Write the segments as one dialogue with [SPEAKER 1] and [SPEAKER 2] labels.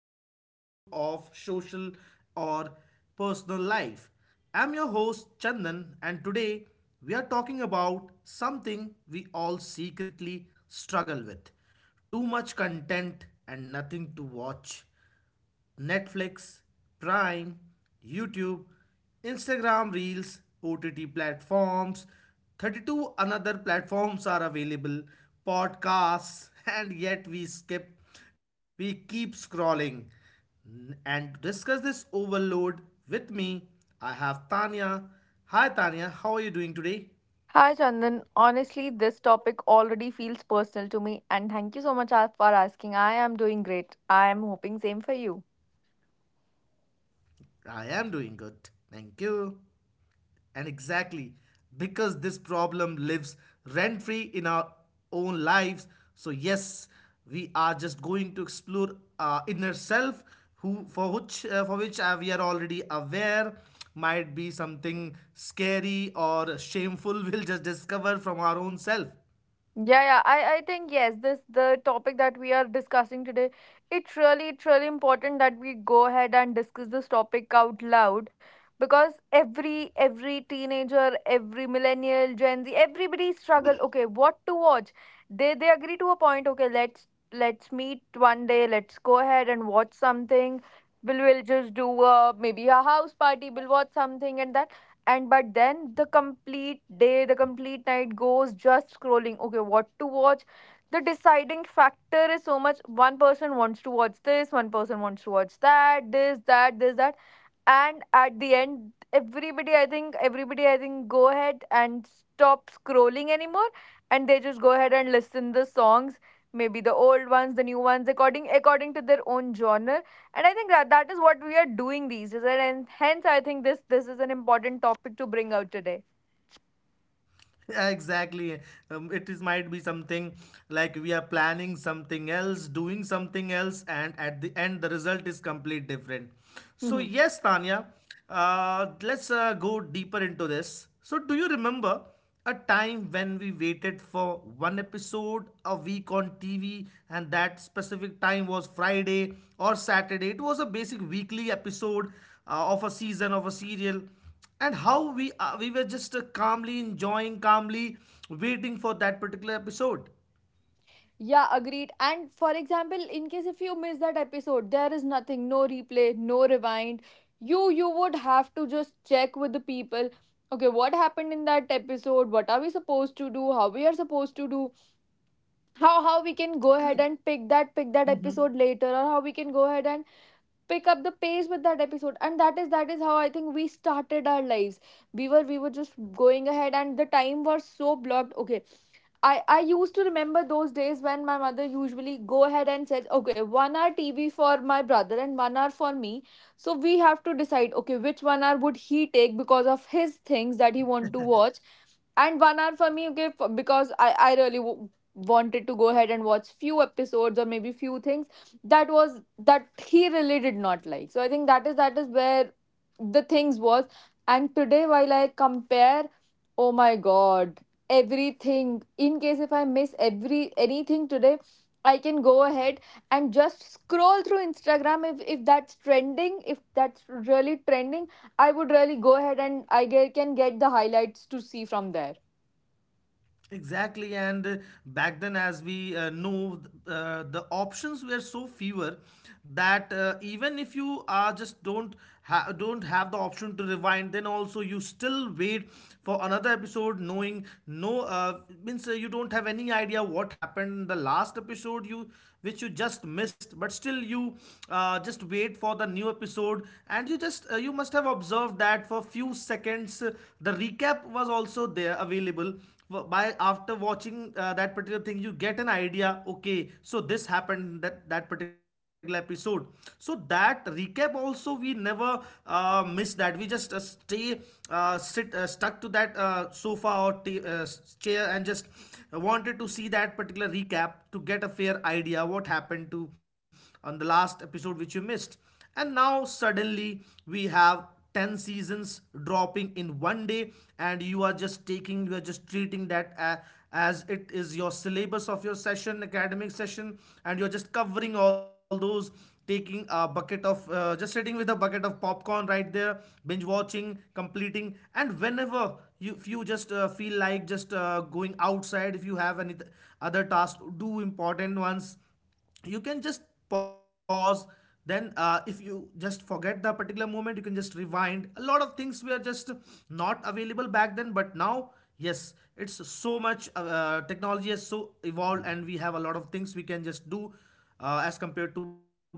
[SPEAKER 1] another episode of Social or Personal Life. I'm your host, Chandan, and today we are talking about something we all secretly struggle with too much content and nothing to watch. Netflix, Prime, YouTube, Instagram Reels, OTT platforms, 32 another platforms are available, podcasts, and yet we skip, we keep scrolling. And to discuss this overload with me, I have Tanya. Hi Tanya, how are you doing today?
[SPEAKER 2] Hi Chandan, honestly, this topic already feels personal to me, and thank you so much for asking. I am doing great. I am hoping same for you.
[SPEAKER 1] I am doing good. Thank you. And exactly, because this problem lives rent free in our own lives. So, yes, we are just going to explore our inner self, who for which we are already aware might be something scary or shameful we'll just discover from our own self
[SPEAKER 2] Yeah, yeah. I think yes, this the topic that we are discussing today. It's really important that we go ahead and discuss this topic out loud, because every teenager, every millennial, Gen Z, everybody struggle. Okay, what to watch? They agree to a point. Okay, let's meet one day. Let's go ahead and watch something. We'll just do maybe a house party. We'll watch something, and that and but then the complete day, the complete night, goes just scrolling. Okay, what to watch? The deciding factor is so much. One person wants to watch this, one person wants to watch that, this that, this that. And at the end, everybody, I think, go ahead and stop scrolling anymore, and they just go ahead and listen the songs, maybe the old ones, the new ones, according to their own genre. And I think that that is what we are doing these days, and hence I think this is an important topic to bring out today.
[SPEAKER 1] Yeah, exactly. It is might be something like we are planning something else, doing something else, and at the end the result is complete different. So
[SPEAKER 2] Hmm.
[SPEAKER 1] yes, Tanya, let's go deeper into this. So do you remember a time when we waited for one episode a week on TV, and that specific time was Friday or Saturday? It was a basic weekly episode of a season of a serial and how we were just calmly enjoying calmly waiting for that particular episode
[SPEAKER 2] Yeah, agreed. And for example, in case if you miss that episode, there is nothing, no replay, no rewind. You would have to just check with the people. Okay, what happened in that episode? What are we supposed to do? How we are supposed to do? How we can go ahead
[SPEAKER 1] and
[SPEAKER 2] and pick that
[SPEAKER 1] Mhm.
[SPEAKER 2] episode later, or how we can go ahead and pick up the pace with that episode. And that is how I think we started our lives. We were just going ahead, and the time was so blocked. Okay, I used to remember those days when my mother usually go ahead and says, okay, one hour TV for my brother and one hour for me. So we have to decide, okay, which one hour would he take because of his things that he want to watch, and one hour for me. Okay, for, because I really wanted to go ahead and watch few episodes or maybe few things that was that he really did not like. So I think that is where the things was. And today, while I compare, oh my god, everything, in case if I miss every anything today, I can go ahead and just scroll through Instagram. If that's trending, if that's really trending, I would really go ahead, and I can get the highlights to see from there.
[SPEAKER 1] Exactly, and back then, as we know, the options were so fewer that even if you are just don't don't have the option to rewind, then also you still wait for another episode, knowing no means you don't have any idea what happened in the last episode you which you just missed, but still you just wait for the new episode and you just you must have observed that for few seconds the recap was also there available by after watching that particular thing you get an idea okay so this happened that that particular episode, so that recap also we never miss that, we just stay sit stuck to that sofa or uh, chair and just wanted to see that particular recap to get a fair idea what happened to on the last episode which you missed. And now suddenly we have 10 seasons dropping in one day, and you are just taking, you are just treating that as it is your syllabus of your session, academic session, and you're just covering all those, taking a bucket of just sitting with a bucket of popcorn right there, binge watching, completing, and whenever you if you just feel like just going outside, if you have any other tasks, do important ones, you can just pause, then if you just forget the particular moment you can just rewind. A lot of things were just not available back then, but now yes, it's so much technology has so evolved and we have a lot of things we can just do as compared to back then.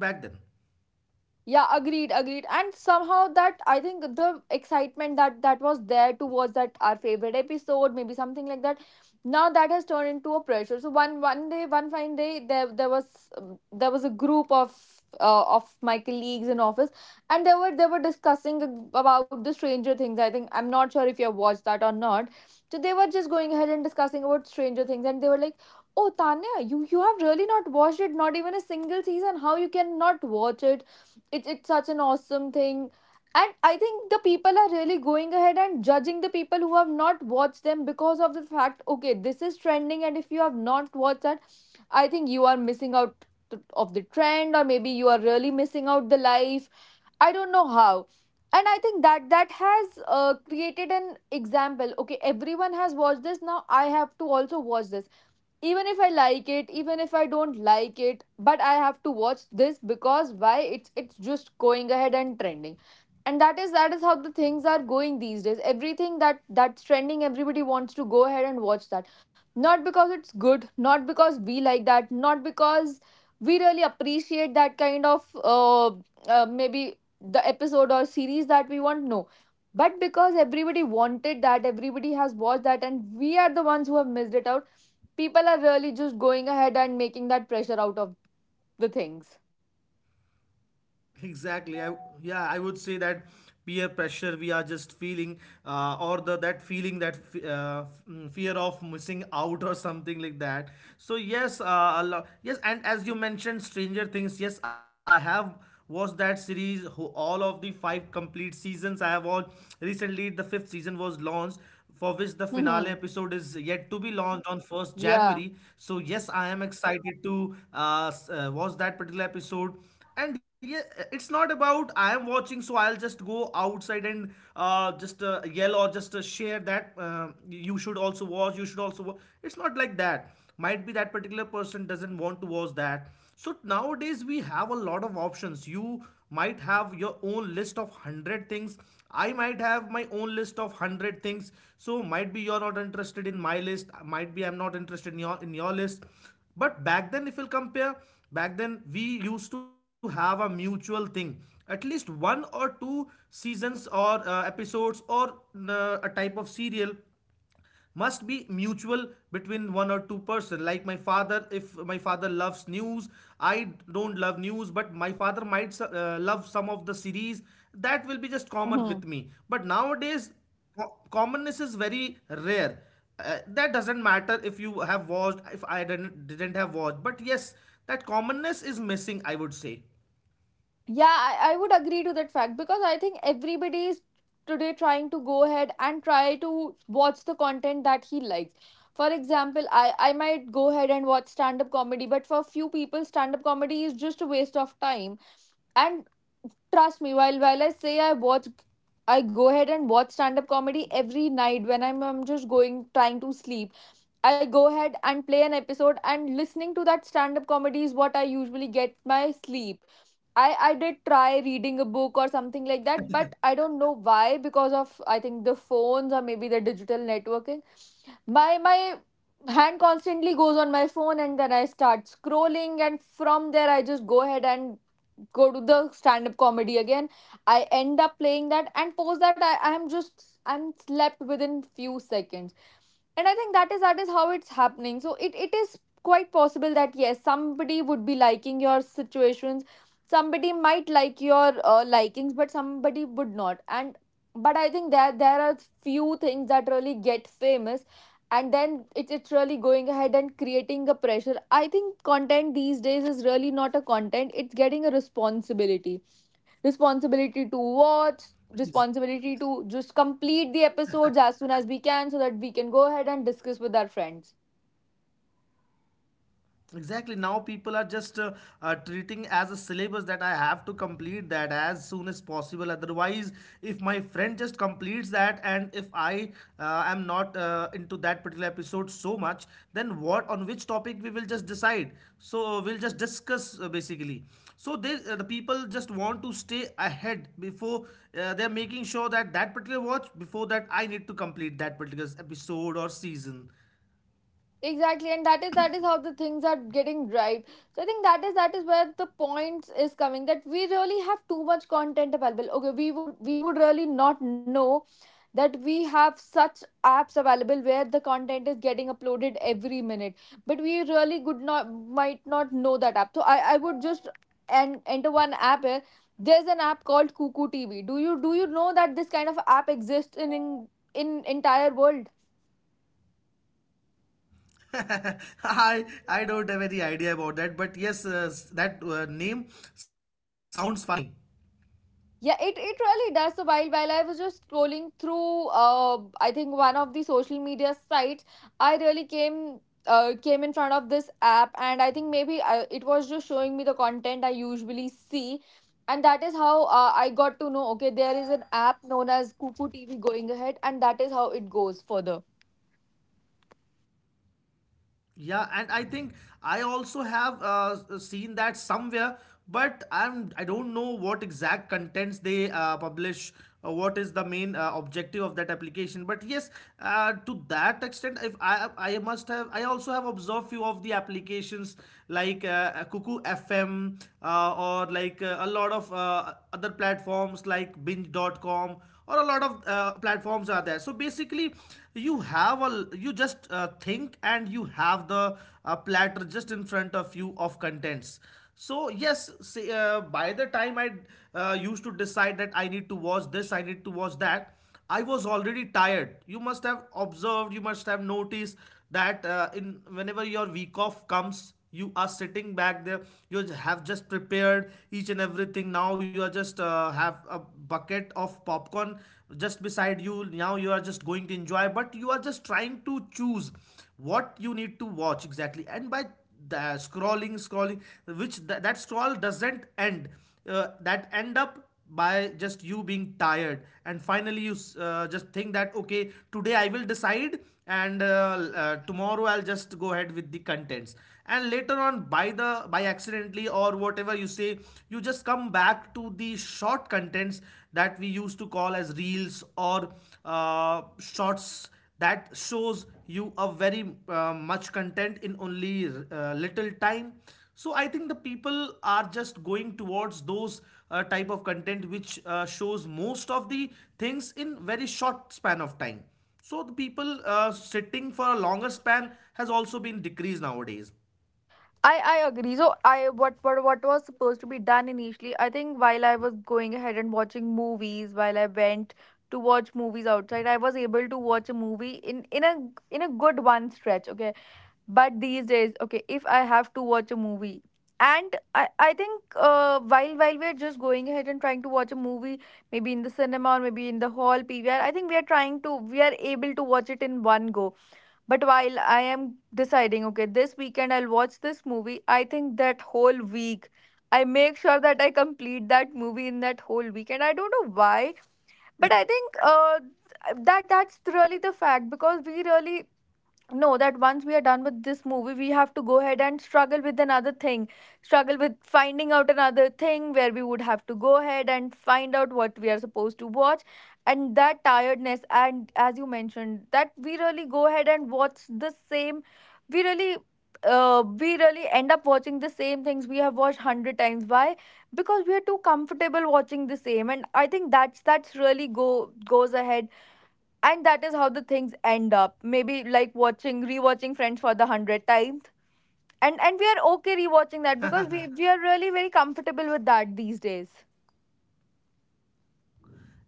[SPEAKER 2] Yeah, agreed. And somehow, that I think, the excitement that was there towards that our favorite episode, maybe something like that, now that has turned into a pressure. So one fine day, there was a group of my colleagues in office, and they were discussing about the Stranger Things. I think I'm not sure if you have watched that or not. So they were just going ahead and discussing about Stranger Things, and they were like, oh, Tanya, you have really not watched it, not even a single season. How you can not watch it? It's such an awesome thing. And I think the people are really going ahead and judging the people who have not watched them because of the fact. Okay, this is trending, and if you have not watched that, I think you are missing out of the trend, or maybe you are really missing out the life. I don't know how. And I think that that has created an example. Okay, everyone has watched this, now I have to also watch this. Even if I like it, even if I don't like it, but I have to watch this. Because why? It's just going ahead and trending. And that is how the things are going these days. Everything that that's trending, everybody wants to go ahead and watch that. Not because it's good, not because we like that, not because we really appreciate that kind of maybe the episode or series that we want. No, but because everybody wanted that, everybody has watched that, and we are the ones who have missed it out. People are really just going ahead and making that pressure out of the things.
[SPEAKER 1] Exactly, I. Yeah, I would say that peer pressure we are just feeling, or the that feeling that fear of missing out or something like that. So yes, yes, and as you mentioned stranger things, yes I have watched that series, all of the five complete seasons I have all, recently the fifth season was launched, for which the finale
[SPEAKER 2] Hmm.
[SPEAKER 1] episode is yet to be launched on 1st
[SPEAKER 2] Yeah.
[SPEAKER 1] January. So, yes, I am excited to watch that particular episode. And yeah, it's not about I am watching, so I'll just go outside and just yell or just share that you should also watch, you should also watch. It's not like that, might be that particular person doesn't want to watch that. So nowadays we have a lot of options, you might have your own list of 100 things, I might have my own list of 100 things, so might be you're not interested in my list, might be I'm not interested in your list. But back then if we will compare, back then we used to have a mutual thing, at least one or two seasons or episodes or a type of serial must be mutual between one or two person, like my father, if my father loves news, I don't love news, but my father might love some of the series that will be just common
[SPEAKER 2] Hmm.
[SPEAKER 1] with me. But nowadays commonness is very rare, that doesn't matter if you have watched, if I didn't have watched, but yes, that commonness is missing I would say.
[SPEAKER 2] Yeah, I would agree to that fact, because I think everybody is today trying to go ahead and try to watch the content that he likes. For example, I might go ahead and watch stand up comedy, but for few people, stand up comedy is just a waste of time. And trust me, while I say I watch, I go ahead and watch stand up comedy every night when I'm just going trying to sleep. I go ahead and play an episode, and listening to that stand up comedy is what I usually get my sleep. I did try reading a book or something like that, but I don't know why, because of I think the phones or maybe the digital networking. My hand constantly goes on my phone, and then I start scrolling, and from there I just go ahead and go to the stand up comedy again. I end up playing that, and post that, I am just I'm slept within few seconds. And I think that is how it's happening. So it is quite possible that yes, somebody would be liking your situations, somebody might like your likings, but somebody would not. And but I think that there are few things that really get famous, and then it's really going ahead and creating a pressure. I think content these days is really not a content, it's getting a responsibility. Responsibility to watch, responsibility to just complete the episodes as soon as we can, so that we can go ahead and discuss with our friends.
[SPEAKER 1] Exactly. Now people are just treating as a syllabus that I have to complete that as soon as possible. Otherwise, if my friend just completes that and if I am not into that particular episode so much, then what, on which topic we will just decide. So we'll just discuss basically. So they the people just want to stay ahead before they're making sure that that particular watch, before that I need to complete that particular episode or season.
[SPEAKER 2] Exactly, and that is how the things are getting right. So I think that is where the point is coming, that we really have too much content available. Okay, we would really not know that we have such apps available where the content is getting uploaded every minute, but we really could not, might not know that app. So I would just and enter one app here. There's an app called Cuckoo TV. Do you know that this kind of app exists in entire world?
[SPEAKER 1] I don't have any idea about that, but yes, that name sounds funny.
[SPEAKER 2] Yeah, it really does. So while I was just scrolling through, I think one of the social media sites, I really came in front of this app, and I think maybe it was just showing me the content I usually see, and that is how I got to know. Okay, there is an app known as Cuckoo TV going ahead, and that is how it goes further.
[SPEAKER 1] Yeah, and I think I also have seen that somewhere, but I'm I don't know what exact contents they publish or what is the main objective of that application. But yes, to that extent, if I I must have I also have observed few of the applications like Cuckoo FM or like a lot of other platforms like binge.com or a lot of platforms are there, so basically you have a you just think and you have the platter just in front of you of contents. So yes say, by the time I used to decide that I need to watch this, I need to watch that, I was already tired. You must have observed, you must have noticed that in whenever your week off comes, you are sitting back there. You have just prepared each and everything. Now you are just have a bucket of popcorn just beside you. Now you are just going to enjoy, but you are just trying to choose what you need to watch exactly. And by the scrolling, scrolling, that scroll doesn't end. That end up by just you being tired and finally you just think that okay, today I will decide, and tomorrow I'll just go ahead with the contents. And later on by the by accidentally or whatever you say, you just come back to the short contents that we used to call as reels or shorts, that shows you a very much content in only little time. So I think the people are just going towards those type of content which shows most of the things in very short span of time. So the people sitting for a longer span has also been decreased nowadays.
[SPEAKER 2] I agree. So I what was supposed to be done initially, I think while I was going ahead and watching movies, while I went to watch movies outside, I was able to watch a movie in a good one stretch, okay? But these days, okay, if I have to watch a movie, and I think while we're just going ahead and trying to watch a movie, maybe in the cinema or maybe in the hall PVR, I think we are trying to we are able to watch it in one go. But while I am deciding, okay, this weekend I'll watch this movie, I think that whole week I make sure that I complete that movie in that whole weekend. I don't know why, but I think that that's really the fact, because we really no that once we are done with this movie, we have to go ahead and struggle with another thing, struggle with finding out another thing where we would have to go ahead and find out what we are supposed to watch. And that tiredness, and as you mentioned, that we really go ahead and watch the same, we really we really end up watching the same things we have watched 100 times. Why? Because we are too comfortable watching the same. And I think that's really go goes ahead, and that is how the things end up, maybe like watching, rewatching friends for the 100th time. And we are okay rewatching that, because we we are really very comfortable with that these days.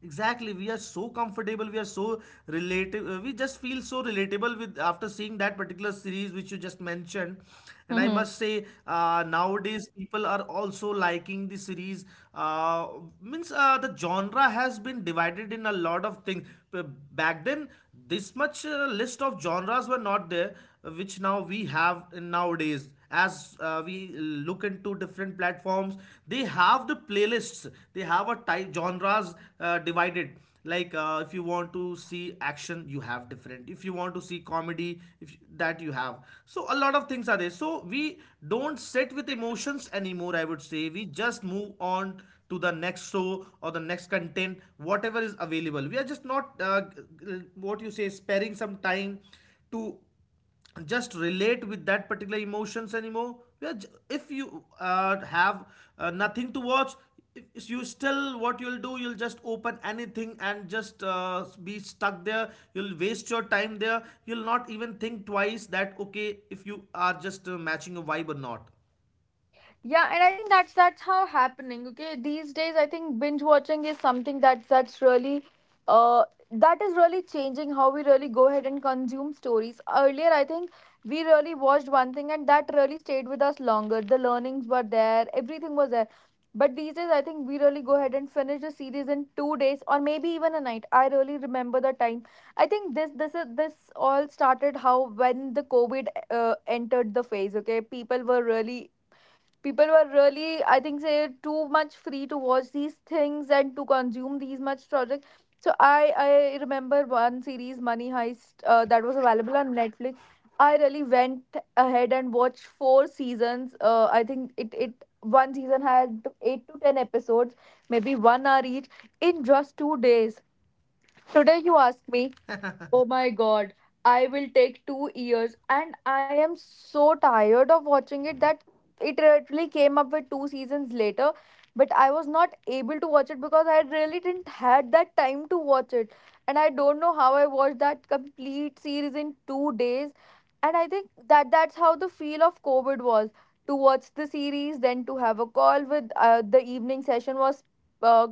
[SPEAKER 1] Exactly, we are so comfortable, we are so relatable, we just feel so relatable with after seeing that particular series which you just mentioned. And I must say, nowadays people are also liking the series. Uh, Means the genre has been divided in a lot of things. P- Back then, this much list of genres were not there which now we have in nowadays. As we look into different platforms, they have the playlists, they have a type genres divided, like if you want to see action you have different, if you want to see comedy if that you have, so a lot of things are there. So we don't sit with emotions anymore, I would say, we just move on to the next show or the next content, whatever is available, we are just not what you say sparing some time to just relate with that particular emotions anymore. We are, if you have nothing to watch, if you still what you'll do, you'll just open anything and just be stuck there, you'll waste your time there, you'll not even think twice that okay if you are just matching a vibe or not.
[SPEAKER 2] Yeah, and I think that's how happening. Okay, these days I think binge watching is something uh, that is really changing how we really go ahead and consume stories. Earlier, I think we really watched one thing and that really stayed with us longer. The learnings were there, everything was there. But these days, I think we really go ahead and finish a series in 2 days or maybe even a night. I really remember the time. I think this all started how when the COVID entered the phase. Okay, people were really, I think, say too much free to watch these things and to consume these much projects, so I remember one series, Money Heist, that was available on Netflix. I really went ahead and watched four seasons. I think it it one season had 8 to 10 episodes, maybe 1 hour each, in just 2 days. Today you ask me, oh my god, I will take 2 years, and I am so tired of watching it that it literally came up with two seasons later. But I was not able to watch it because I really didn't had that time to watch it, and I don't know how I watched that complete series in 2 days. And I think that's how the feel of COVID was: to watch the series, then to have a call with the evening session was uh,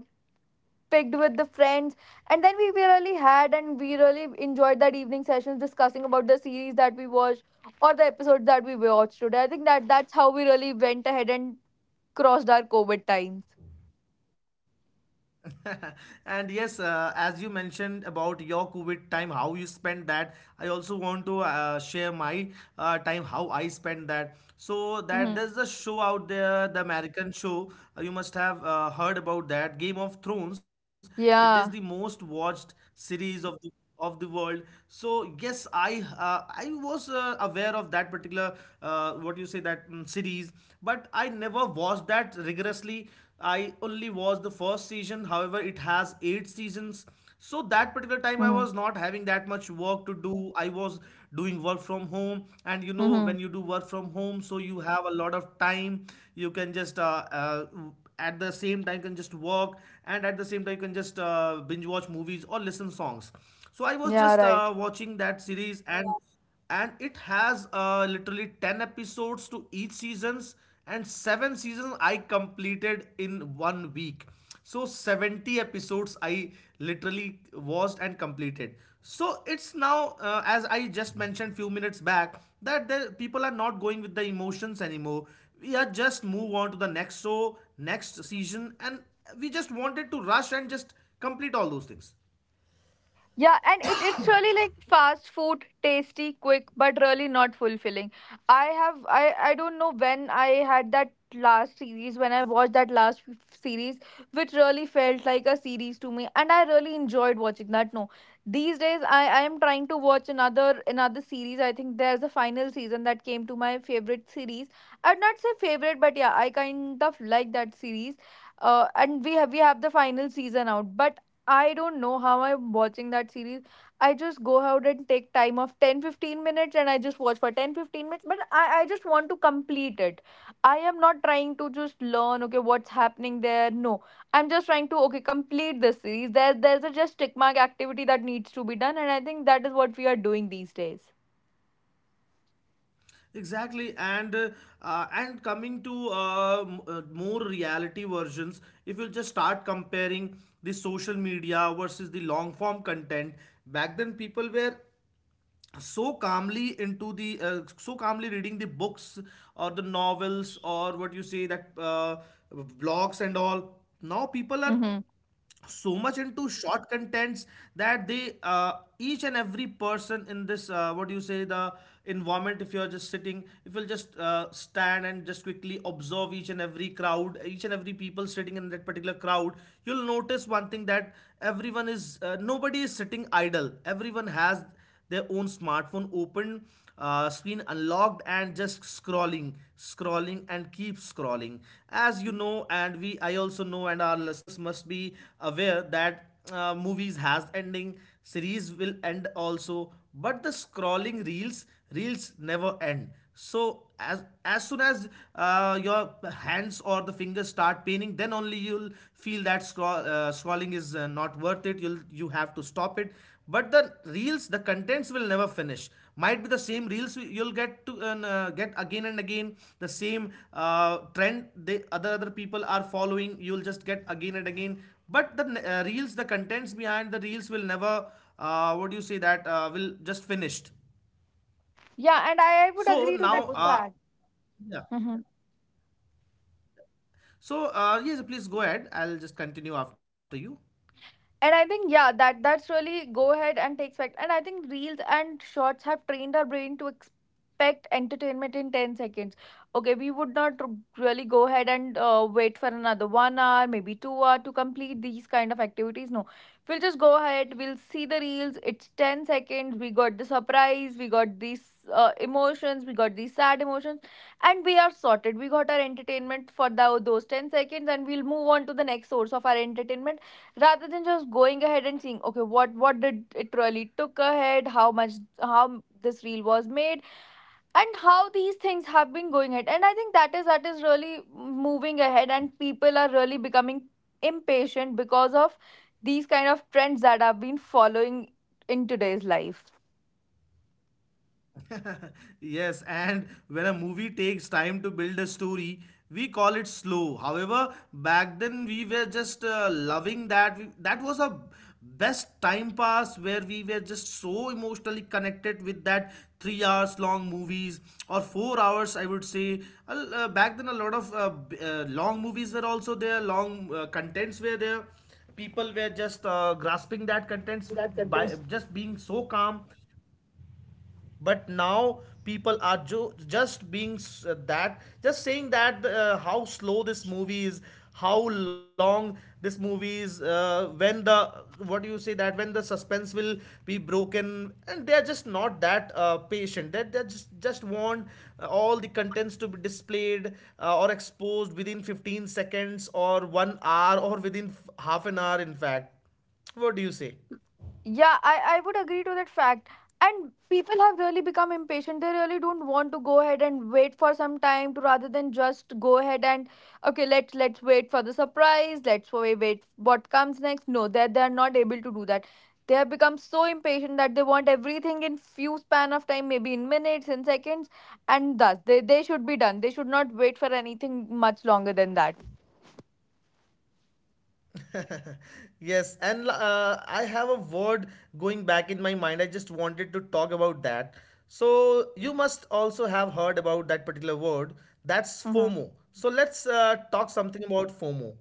[SPEAKER 2] picked with the friends, and then we really enjoyed that evening sessions discussing about the series that we watched or the episodes that we watched. Today I think that's how we really went ahead and crossed our COVID times.
[SPEAKER 1] And yes, as you mentioned about your COVID time, how you spent that, I also want to share my time, how I spent that. So that
[SPEAKER 2] Mm-hmm.
[SPEAKER 1] there's a show out there, the American show. You must have heard about that, Game of Thrones. It is the
[SPEAKER 2] Yeah.
[SPEAKER 1] most watched series of the world. So yes, I was aware of that particular what you say that mm series, but I never watched that rigorously. I only watched the first season, however it has 8 seasons. So that particular time I
[SPEAKER 2] Mm-hmm.
[SPEAKER 1] was not having that much work to do. I was doing work from home, and you know
[SPEAKER 2] Mm-hmm.
[SPEAKER 1] when you do work from home so you have a lot of time. You can just at the same time you can just work, and at the same time you can just binge watch movies or listen songs. So I was
[SPEAKER 2] Yeah,
[SPEAKER 1] just
[SPEAKER 2] right.
[SPEAKER 1] watching that series. And it has literally 10 episodes to each seasons, and 7 seasons I completed in 1 week. So 70 episodes I literally watched and completed. So it's now, as I just mentioned few minutes back, that the people are not going with the emotions anymore. We are just move on to the next show, next season, and we just wanted to rush and just complete all those things.
[SPEAKER 2] Yeah, and it's really like fast food, tasty, quick, but really not fulfilling. I don't know when I had that last series, when I watched that series, which really felt like a series to me, and I really enjoyed watching that. No, these days I am trying to watch another series. I think there's a final season that came to my favorite series. I'd not say favorite, but yeah, I kind of like that series. And we have the final season out, but I don't know how I'm watching that series. I just go out and take time of 10 to 15 minutes and I just watch for 10 to 15 minutes. But I just want to complete it. I am not trying to just learn, okay, what's happening there. No, I'm just trying to, okay, complete this series. There's a just tick mark activity that needs to be done. And I think that is what we are doing these days.
[SPEAKER 1] Exactly, and coming to more reality versions, if you just start comparing the social media versus the long form content, back then people were so calmly into the so calmly reading the books or the novels, or what you say that vlogs and all. Now people are
[SPEAKER 2] Mm-hmm.
[SPEAKER 1] so much into short contents, that they each and every person in this what do you say the environment. If you're just sitting, if you'll just stand and just quickly observe each and every crowd, each and every people sitting in that particular crowd, you'll notice one thing, that everyone is nobody is sitting idle. Everyone has their own smartphone open, screen unlocked, and just scrolling, and keep scrolling. As you know, and we, I also know, and our listeners must be aware that movies has ending, series will end also, but the scrolling reels never end. So as soon as your hands or the fingers start paining, then only you'll feel that scrolling is not worth it, you'll, you have to stop it. But the reels, the contents will never finish. Might be the same reels you'll get to get again and again, the same trend the other people are following, you'll just get again and again. But the reels, the contents behind the reels will never what do you say that will just finished.
[SPEAKER 2] Yeah, and I would
[SPEAKER 1] So
[SPEAKER 2] agree to that
[SPEAKER 1] now,
[SPEAKER 2] fact.
[SPEAKER 1] yeah. So, yes, please go ahead. I'll just continue after you.
[SPEAKER 2] And I think yeah, that that's really go ahead and take fact. And I think reels and shorts have trained our brain to expect entertainment in 10 seconds. Okay, we would not really go ahead and wait for another 1 hour, maybe 2 hour to complete these kind of activities. No, we'll just go ahead. We'll see the reels. It's 10 seconds. We got the surprise. We got these emotions. We got these sad emotions, and we are sorted. We got our entertainment for thou those 10 seconds, and we'll move on to the next source of our entertainment rather than just going ahead and seeing, okay, what did it really took ahead, how much, how this reel was made, and how these things have been going ahead. And I think that is really moving ahead and people are really becoming impatient because of these kind of trends that have been following in today's life.
[SPEAKER 1] Yes, and when a movie takes time to build a story, we call it slow. However, back then we were just loving that. That was a best time pass where we were just so emotionally connected with that 3 hours long movies, or 4 hours I would say. Back then a lot of long movies were also there, long contents were there. People were just grasping that contents by just being so calm. But now people are just being, that just saying that how slow this movie is, how long this movie is, when the, what do you say that when the suspense will be broken. And they're just not that patient. They just want all the contents to be displayed or exposed within 15 seconds or 1 hour, or within half an hour in fact. What do you say?
[SPEAKER 2] Yeah, I would agree to that fact. And people have really become impatient. They really don't want to go ahead and wait for some time to, rather than just go ahead and, okay, let's wait for the surprise, let's wait, wait what comes next. No, they're not able to do that. They have become so impatient that they want everything in few span of time, maybe in minutes, in seconds, and thus they should be done. They should not wait for anything much longer than that.
[SPEAKER 1] Yes, and I have a word going back in my mind. I just wanted to talk about that. So, you must also have heard about that particular word. That's
[SPEAKER 2] Mm-hmm.
[SPEAKER 1] FOMO. So, let's talk something about FOMO.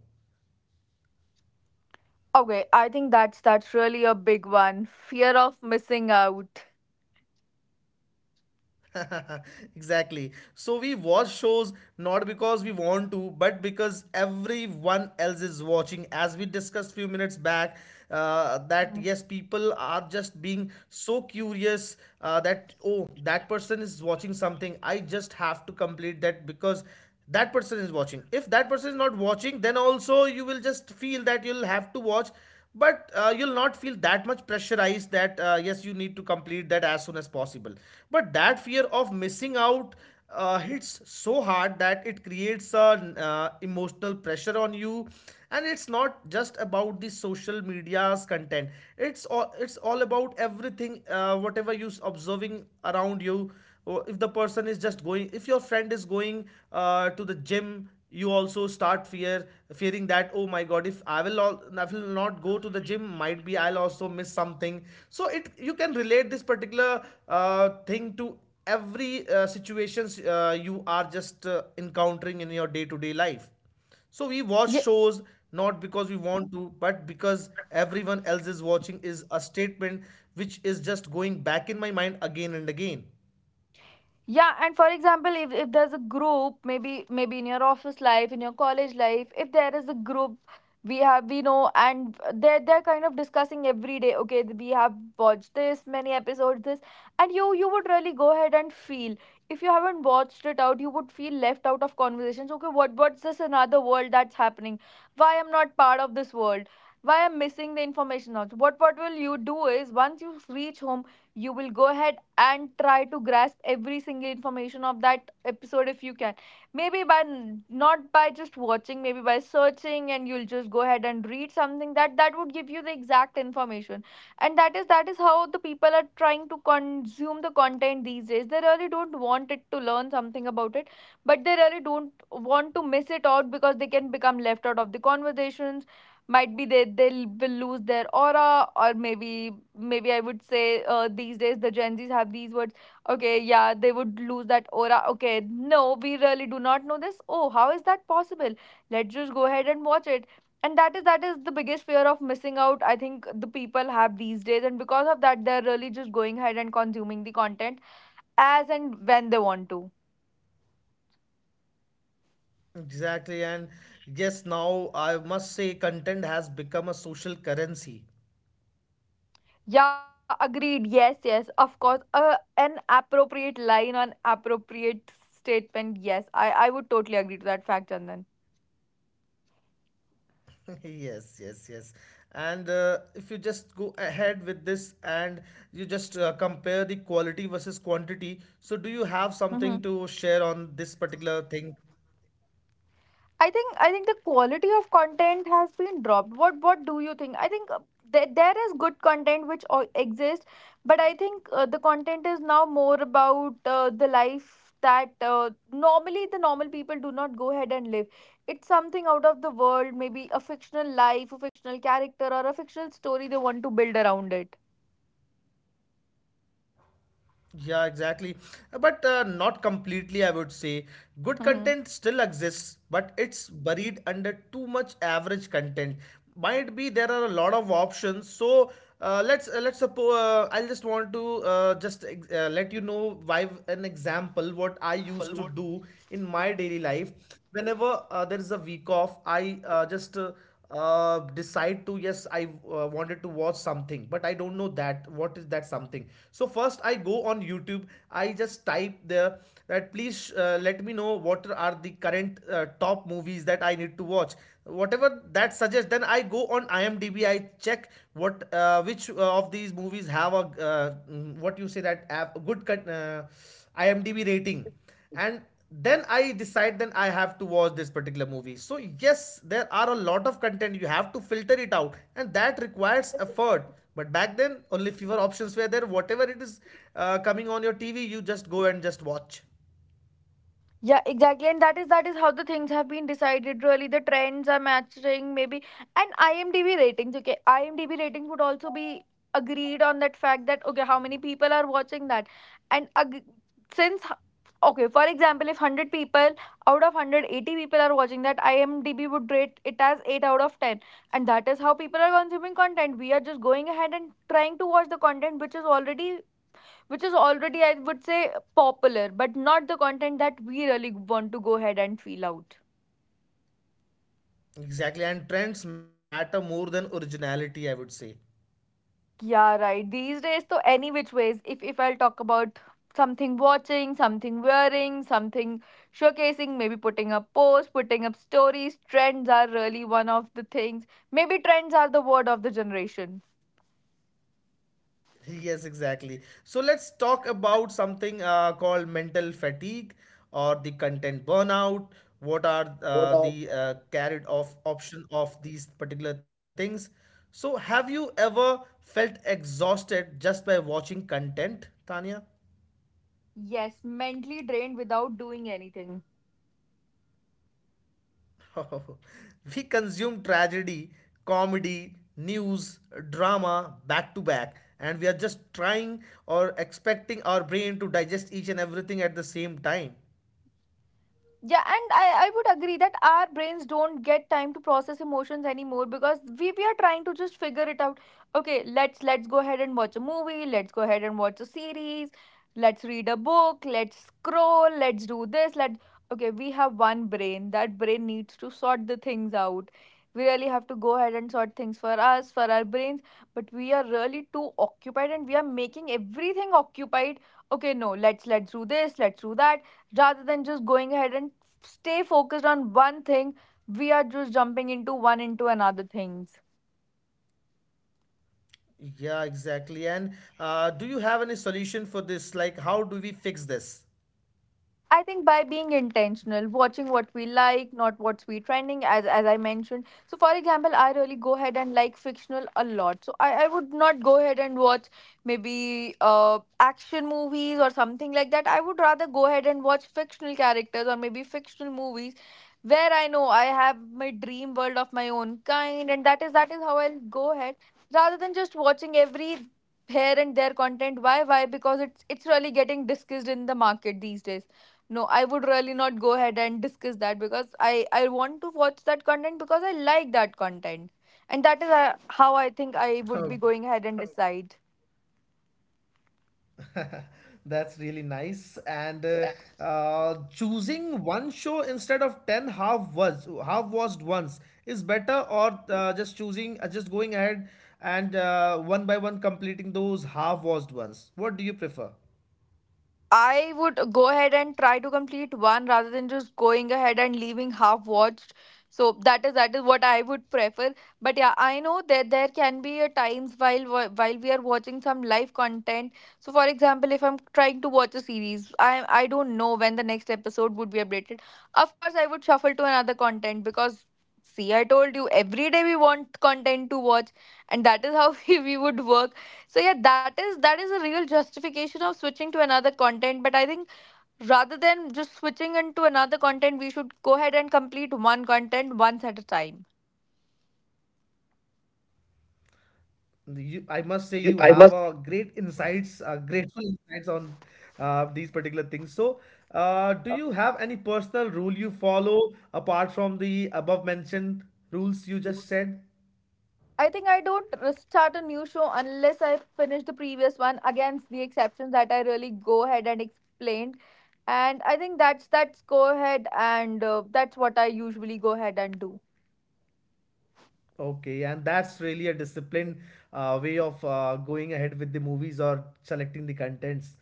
[SPEAKER 2] Okay, I think that's really a big one. Fear of missing out.
[SPEAKER 1] Exactly. So we watch shows not because we want to, but because everyone else is watching. As we discussed few minutes back, that yes, people are just being so curious that oh, that person is watching something. I just have to complete that because that person is watching. If that person is not watching, then also you will just feel that you'll have to watch. But you'll not feel that much pressurized that yes, you need to complete that as soon as possible. But that fear of missing out hits so hard that it creates an emotional pressure on you. And it's not just about the social media's content, it's all about everything, whatever you observing around you. Or if the person is just going, if your friend is going to the gym, you also start fearing that, oh my god, if I will all I will not go to the gym, might be I'll also miss something. So it, you can relate this particular thing to every situations you are just encountering in your day to day life. So we watch
[SPEAKER 2] Yeah,
[SPEAKER 1] shows not because we want to, but because everyone else is watching, is a statement which is just going back in my mind again and again.
[SPEAKER 2] yeah, and for example, if there's a group, maybe maybe in your office life, in your college life, if there is a group we have we know and they're kind of discussing every day, okay, we have watched this many episodes, this, and you would really go ahead and feel, if you haven't watched it out, you would feel left out of conversations. Okay, what what's this another world that's happening? Why I'm not part of this world? Why I'm missing the information out? What will you do is, once you reach home, you will go ahead and try to grasp every single information of that episode if you can, maybe by not by just watching, maybe by searching, and you'll just go ahead and read something that that would give you the exact information. And that is how the people are trying to consume the content these days. They really don't want it to learn something about it, but they really don't want to miss it out because they can become left out of the conversations. Might be they will lose their aura, or maybe maybe I would say, these days the Gen Z's have these words. Okay, yeah, they would lose that aura. Okay, no, we really do not know this. Oh, how is that possible? Let's just go ahead and watch it. And that is the biggest fear of missing out, I think, the people have these days, and because of that they're really just going ahead and consuming the content as and when they want to.
[SPEAKER 1] Exactly, and yes, now I must say content has become a social currency.
[SPEAKER 2] Yeah, agreed. Yes, yes, of course. An appropriate line, an appropriate statement. Yes, I would totally agree to that fact, Chandan.
[SPEAKER 1] Yes, yes, yes. And if you just go ahead with this, and you just compare the quality versus quantity, so do you have something to share on this particular thing?
[SPEAKER 2] I think the quality of content has been dropped. What do you think? I think there is good content which exists, but I think the content is now more about the life that normally the normal people do not go ahead and live. It's something out of the world, maybe a fictional life, a fictional character, or a fictional story they want to build around it.
[SPEAKER 1] Yeah, exactly. But not completely, I would say. Good content still exists, but it's buried under too much average content. Might be there are a lot of options. So let's suppose, I'll just want to let you know by an example what I used to do in my daily life. Whenever there is a week off, I just decide to, yes, I wanted to watch something, but I don't know that what is that something. So first I go on YouTube, I just type there that, please let me know what are the current top movies that I need to watch. Whatever that suggests, then I go on IMDb, I check what which of these movies have a mm, what you say that have a good IMDb rating. And then I decide, then I have to watch this particular movie. So yes, there are a lot of content, you have to filter it out, and that requires effort. But back then only fewer options were there, whatever it is coming on your TV, you just go and just watch.
[SPEAKER 2] Yeah, exactly. And that is how the things have been decided really. The trends are matching maybe, and IMDb ratings, okay. IMDb ratings would also be agreed on that fact that okay, how many people are watching that? And since h- okay, for example, if 100 people out of 180 people are watching that, IMDb would rate it as 8 out of 10. And that is how people are consuming content. We are just going ahead and trying to watch the content which is already, I would say, popular, but not the content that we really want to go ahead and feel out.
[SPEAKER 1] Exactly, and trends matter more than originality, I would say.
[SPEAKER 2] Yeah, right. These days, so any which ways, if I'll talk about something watching, something wearing, something showcasing, maybe putting up posts, putting up stories, trends are really one of the things. Maybe trends are the word of the generation.
[SPEAKER 1] Yes, exactly. So let's talk about something called mental fatigue or the content burnout. What are the carried off option of these particular things? So have you ever felt exhausted just by watching content, Tanya?
[SPEAKER 2] Yes, mentally drained without doing anything.
[SPEAKER 1] We consume tragedy, comedy, news, drama back to back, and we are just trying or expecting our brain to digest each and everything at the same time.
[SPEAKER 2] Yeah, and I would agree that our brains don't get time to process emotions anymore because we are trying to just figure it out. Okay, let's go ahead and watch a movie, let's go ahead and watch a series, let's read a book, let's scroll, let's do this, let, okay, we have one brain. That brain needs to sort the things out. We really have to go ahead and sort things for us, for our brains, but we are really too occupied and we are making everything occupied. Okay, no, let's do this, let's do that, rather than just going ahead and stay focused on one thing. We are just jumping into one, into another things.
[SPEAKER 1] Yeah, exactly. And do you have any solution for this? Like, how do we fix this?
[SPEAKER 2] I think by being intentional, watching what we like, not what's we trending, as I mentioned. So for example, I really go ahead and like fictional a lot. So I would not go ahead and watch maybe action movies or something like that. I would rather go ahead and watch fictional characters or maybe fictional movies where I know I have my dream world of my own kind, and that is how I'll go ahead. Rather than just watching every here and there content. Why? Why? Because it's really getting discussed in the market these days. No, I would really not go ahead and discuss that because I want to watch that content because I like that content. And that is how I think I would
[SPEAKER 1] Oh,
[SPEAKER 2] be going ahead and decide.
[SPEAKER 1] that's really nice. And choosing one show instead of ten half was half watched ones is better, or just going ahead and one by one completing those half watched ones. What do you prefer?
[SPEAKER 2] I would go ahead and try to complete one, rather than just going ahead and leaving half watched. So that is what I would prefer. But yeah, I know that there can be a times while while we are watching some live content. So for example, if I'm trying to watch a series, I don't know when the next episode would be updated. Of course, I would shuffle to another content because, see, I told you every day we want content to watch, and that is how we would work. So yeah, that is a real justification of switching to another content. But I think rather than just switching into another content, we should go ahead and complete one content once at a time.
[SPEAKER 1] You, I must say, you have a great insights, grateful insights on these particular things. So, do you have any personal rule you follow apart from the above mentioned rules you just said?
[SPEAKER 2] I think I don't start a new show unless I finish the previous one. Against the exceptions that I really go ahead and explained, and I think that's go ahead and that's what I usually go ahead and do.
[SPEAKER 1] Okay, and that's really a disciplined way of going ahead with the movies or selecting the contents.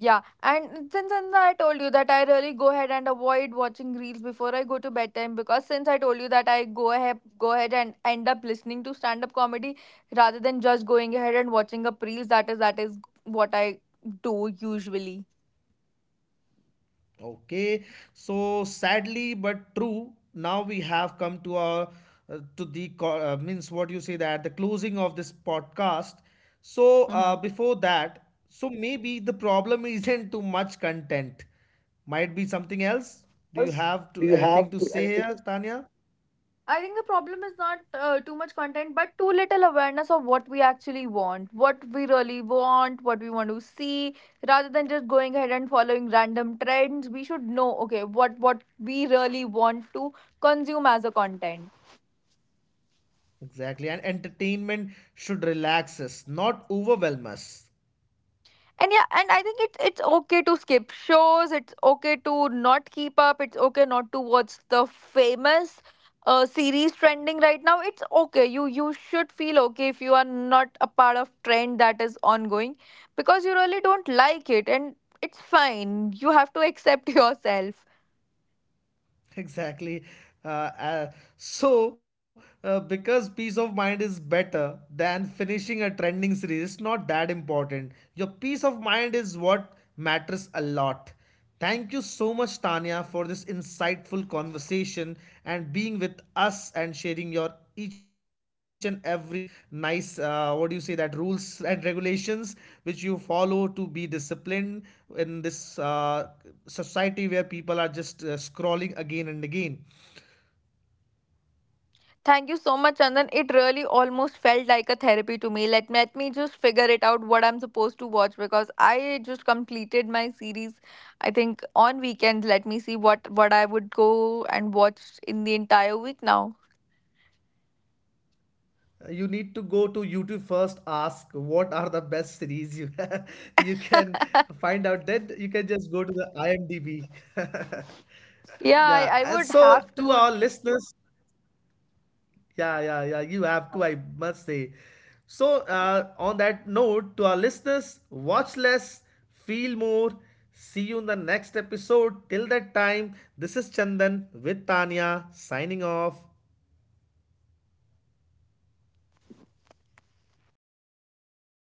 [SPEAKER 2] Yeah, and since I told you that I really go ahead and avoid watching reels before I go to bedtime, because since I told you that I go ahead and end up listening to stand up comedy rather than just going ahead and watching up reels, that is what I do usually.
[SPEAKER 1] Okay, so sadly but true, now we have come to our means, what you say, that the closing of this podcast. So
[SPEAKER 2] Hmm.
[SPEAKER 1] before that, so maybe the problem isn't too much content. Might be something else. Do you have to anything to say here, Tanya?
[SPEAKER 2] I think the problem is not too much content, but too little awareness of what we actually want, what we really want, what we want to see. Rather than just going ahead and following random trends, we should know, okay, what we really want to consume as a content.
[SPEAKER 1] Exactly, and entertainment should relax us, not overwhelm us.
[SPEAKER 2] And yeah, and I think it's okay to skip shows. It's okay to not keep up. It's okay not to watch the famous series trending right now. It's okay. You should feel okay if you are not a part of trend that is ongoing because you really don't like it, and it's fine. You have to accept yourself.
[SPEAKER 1] Exactly. Because peace of mind is better than finishing a trending series, it's not that important. Your peace of mind is what matters a lot. Thank you so much, Tanya, for this insightful conversation and being with us and sharing your each and every nice, what do you say, that rules and regulations which you follow to be disciplined in this society where people are just scrolling again and again.
[SPEAKER 2] Thank you so much, Chandan. It really almost felt like a therapy to me. Let me just figure it out what I'm supposed to watch because I just completed my series. I think on weekends, let me see what I would go and watch in the entire week now.
[SPEAKER 1] You need to go to YouTube first, ask what are the best series you you can find out, that you can just go to the IMDb.
[SPEAKER 2] Yeah,
[SPEAKER 1] Yeah,
[SPEAKER 2] I
[SPEAKER 1] and
[SPEAKER 2] would have
[SPEAKER 1] so to
[SPEAKER 2] to.
[SPEAKER 1] our listeners, yeah, yeah, yeah, you have to, I must say. So on that note, to our listeners, watch less, feel more. See you in the next episode. Till that time, this is Chandan with Tanya signing off.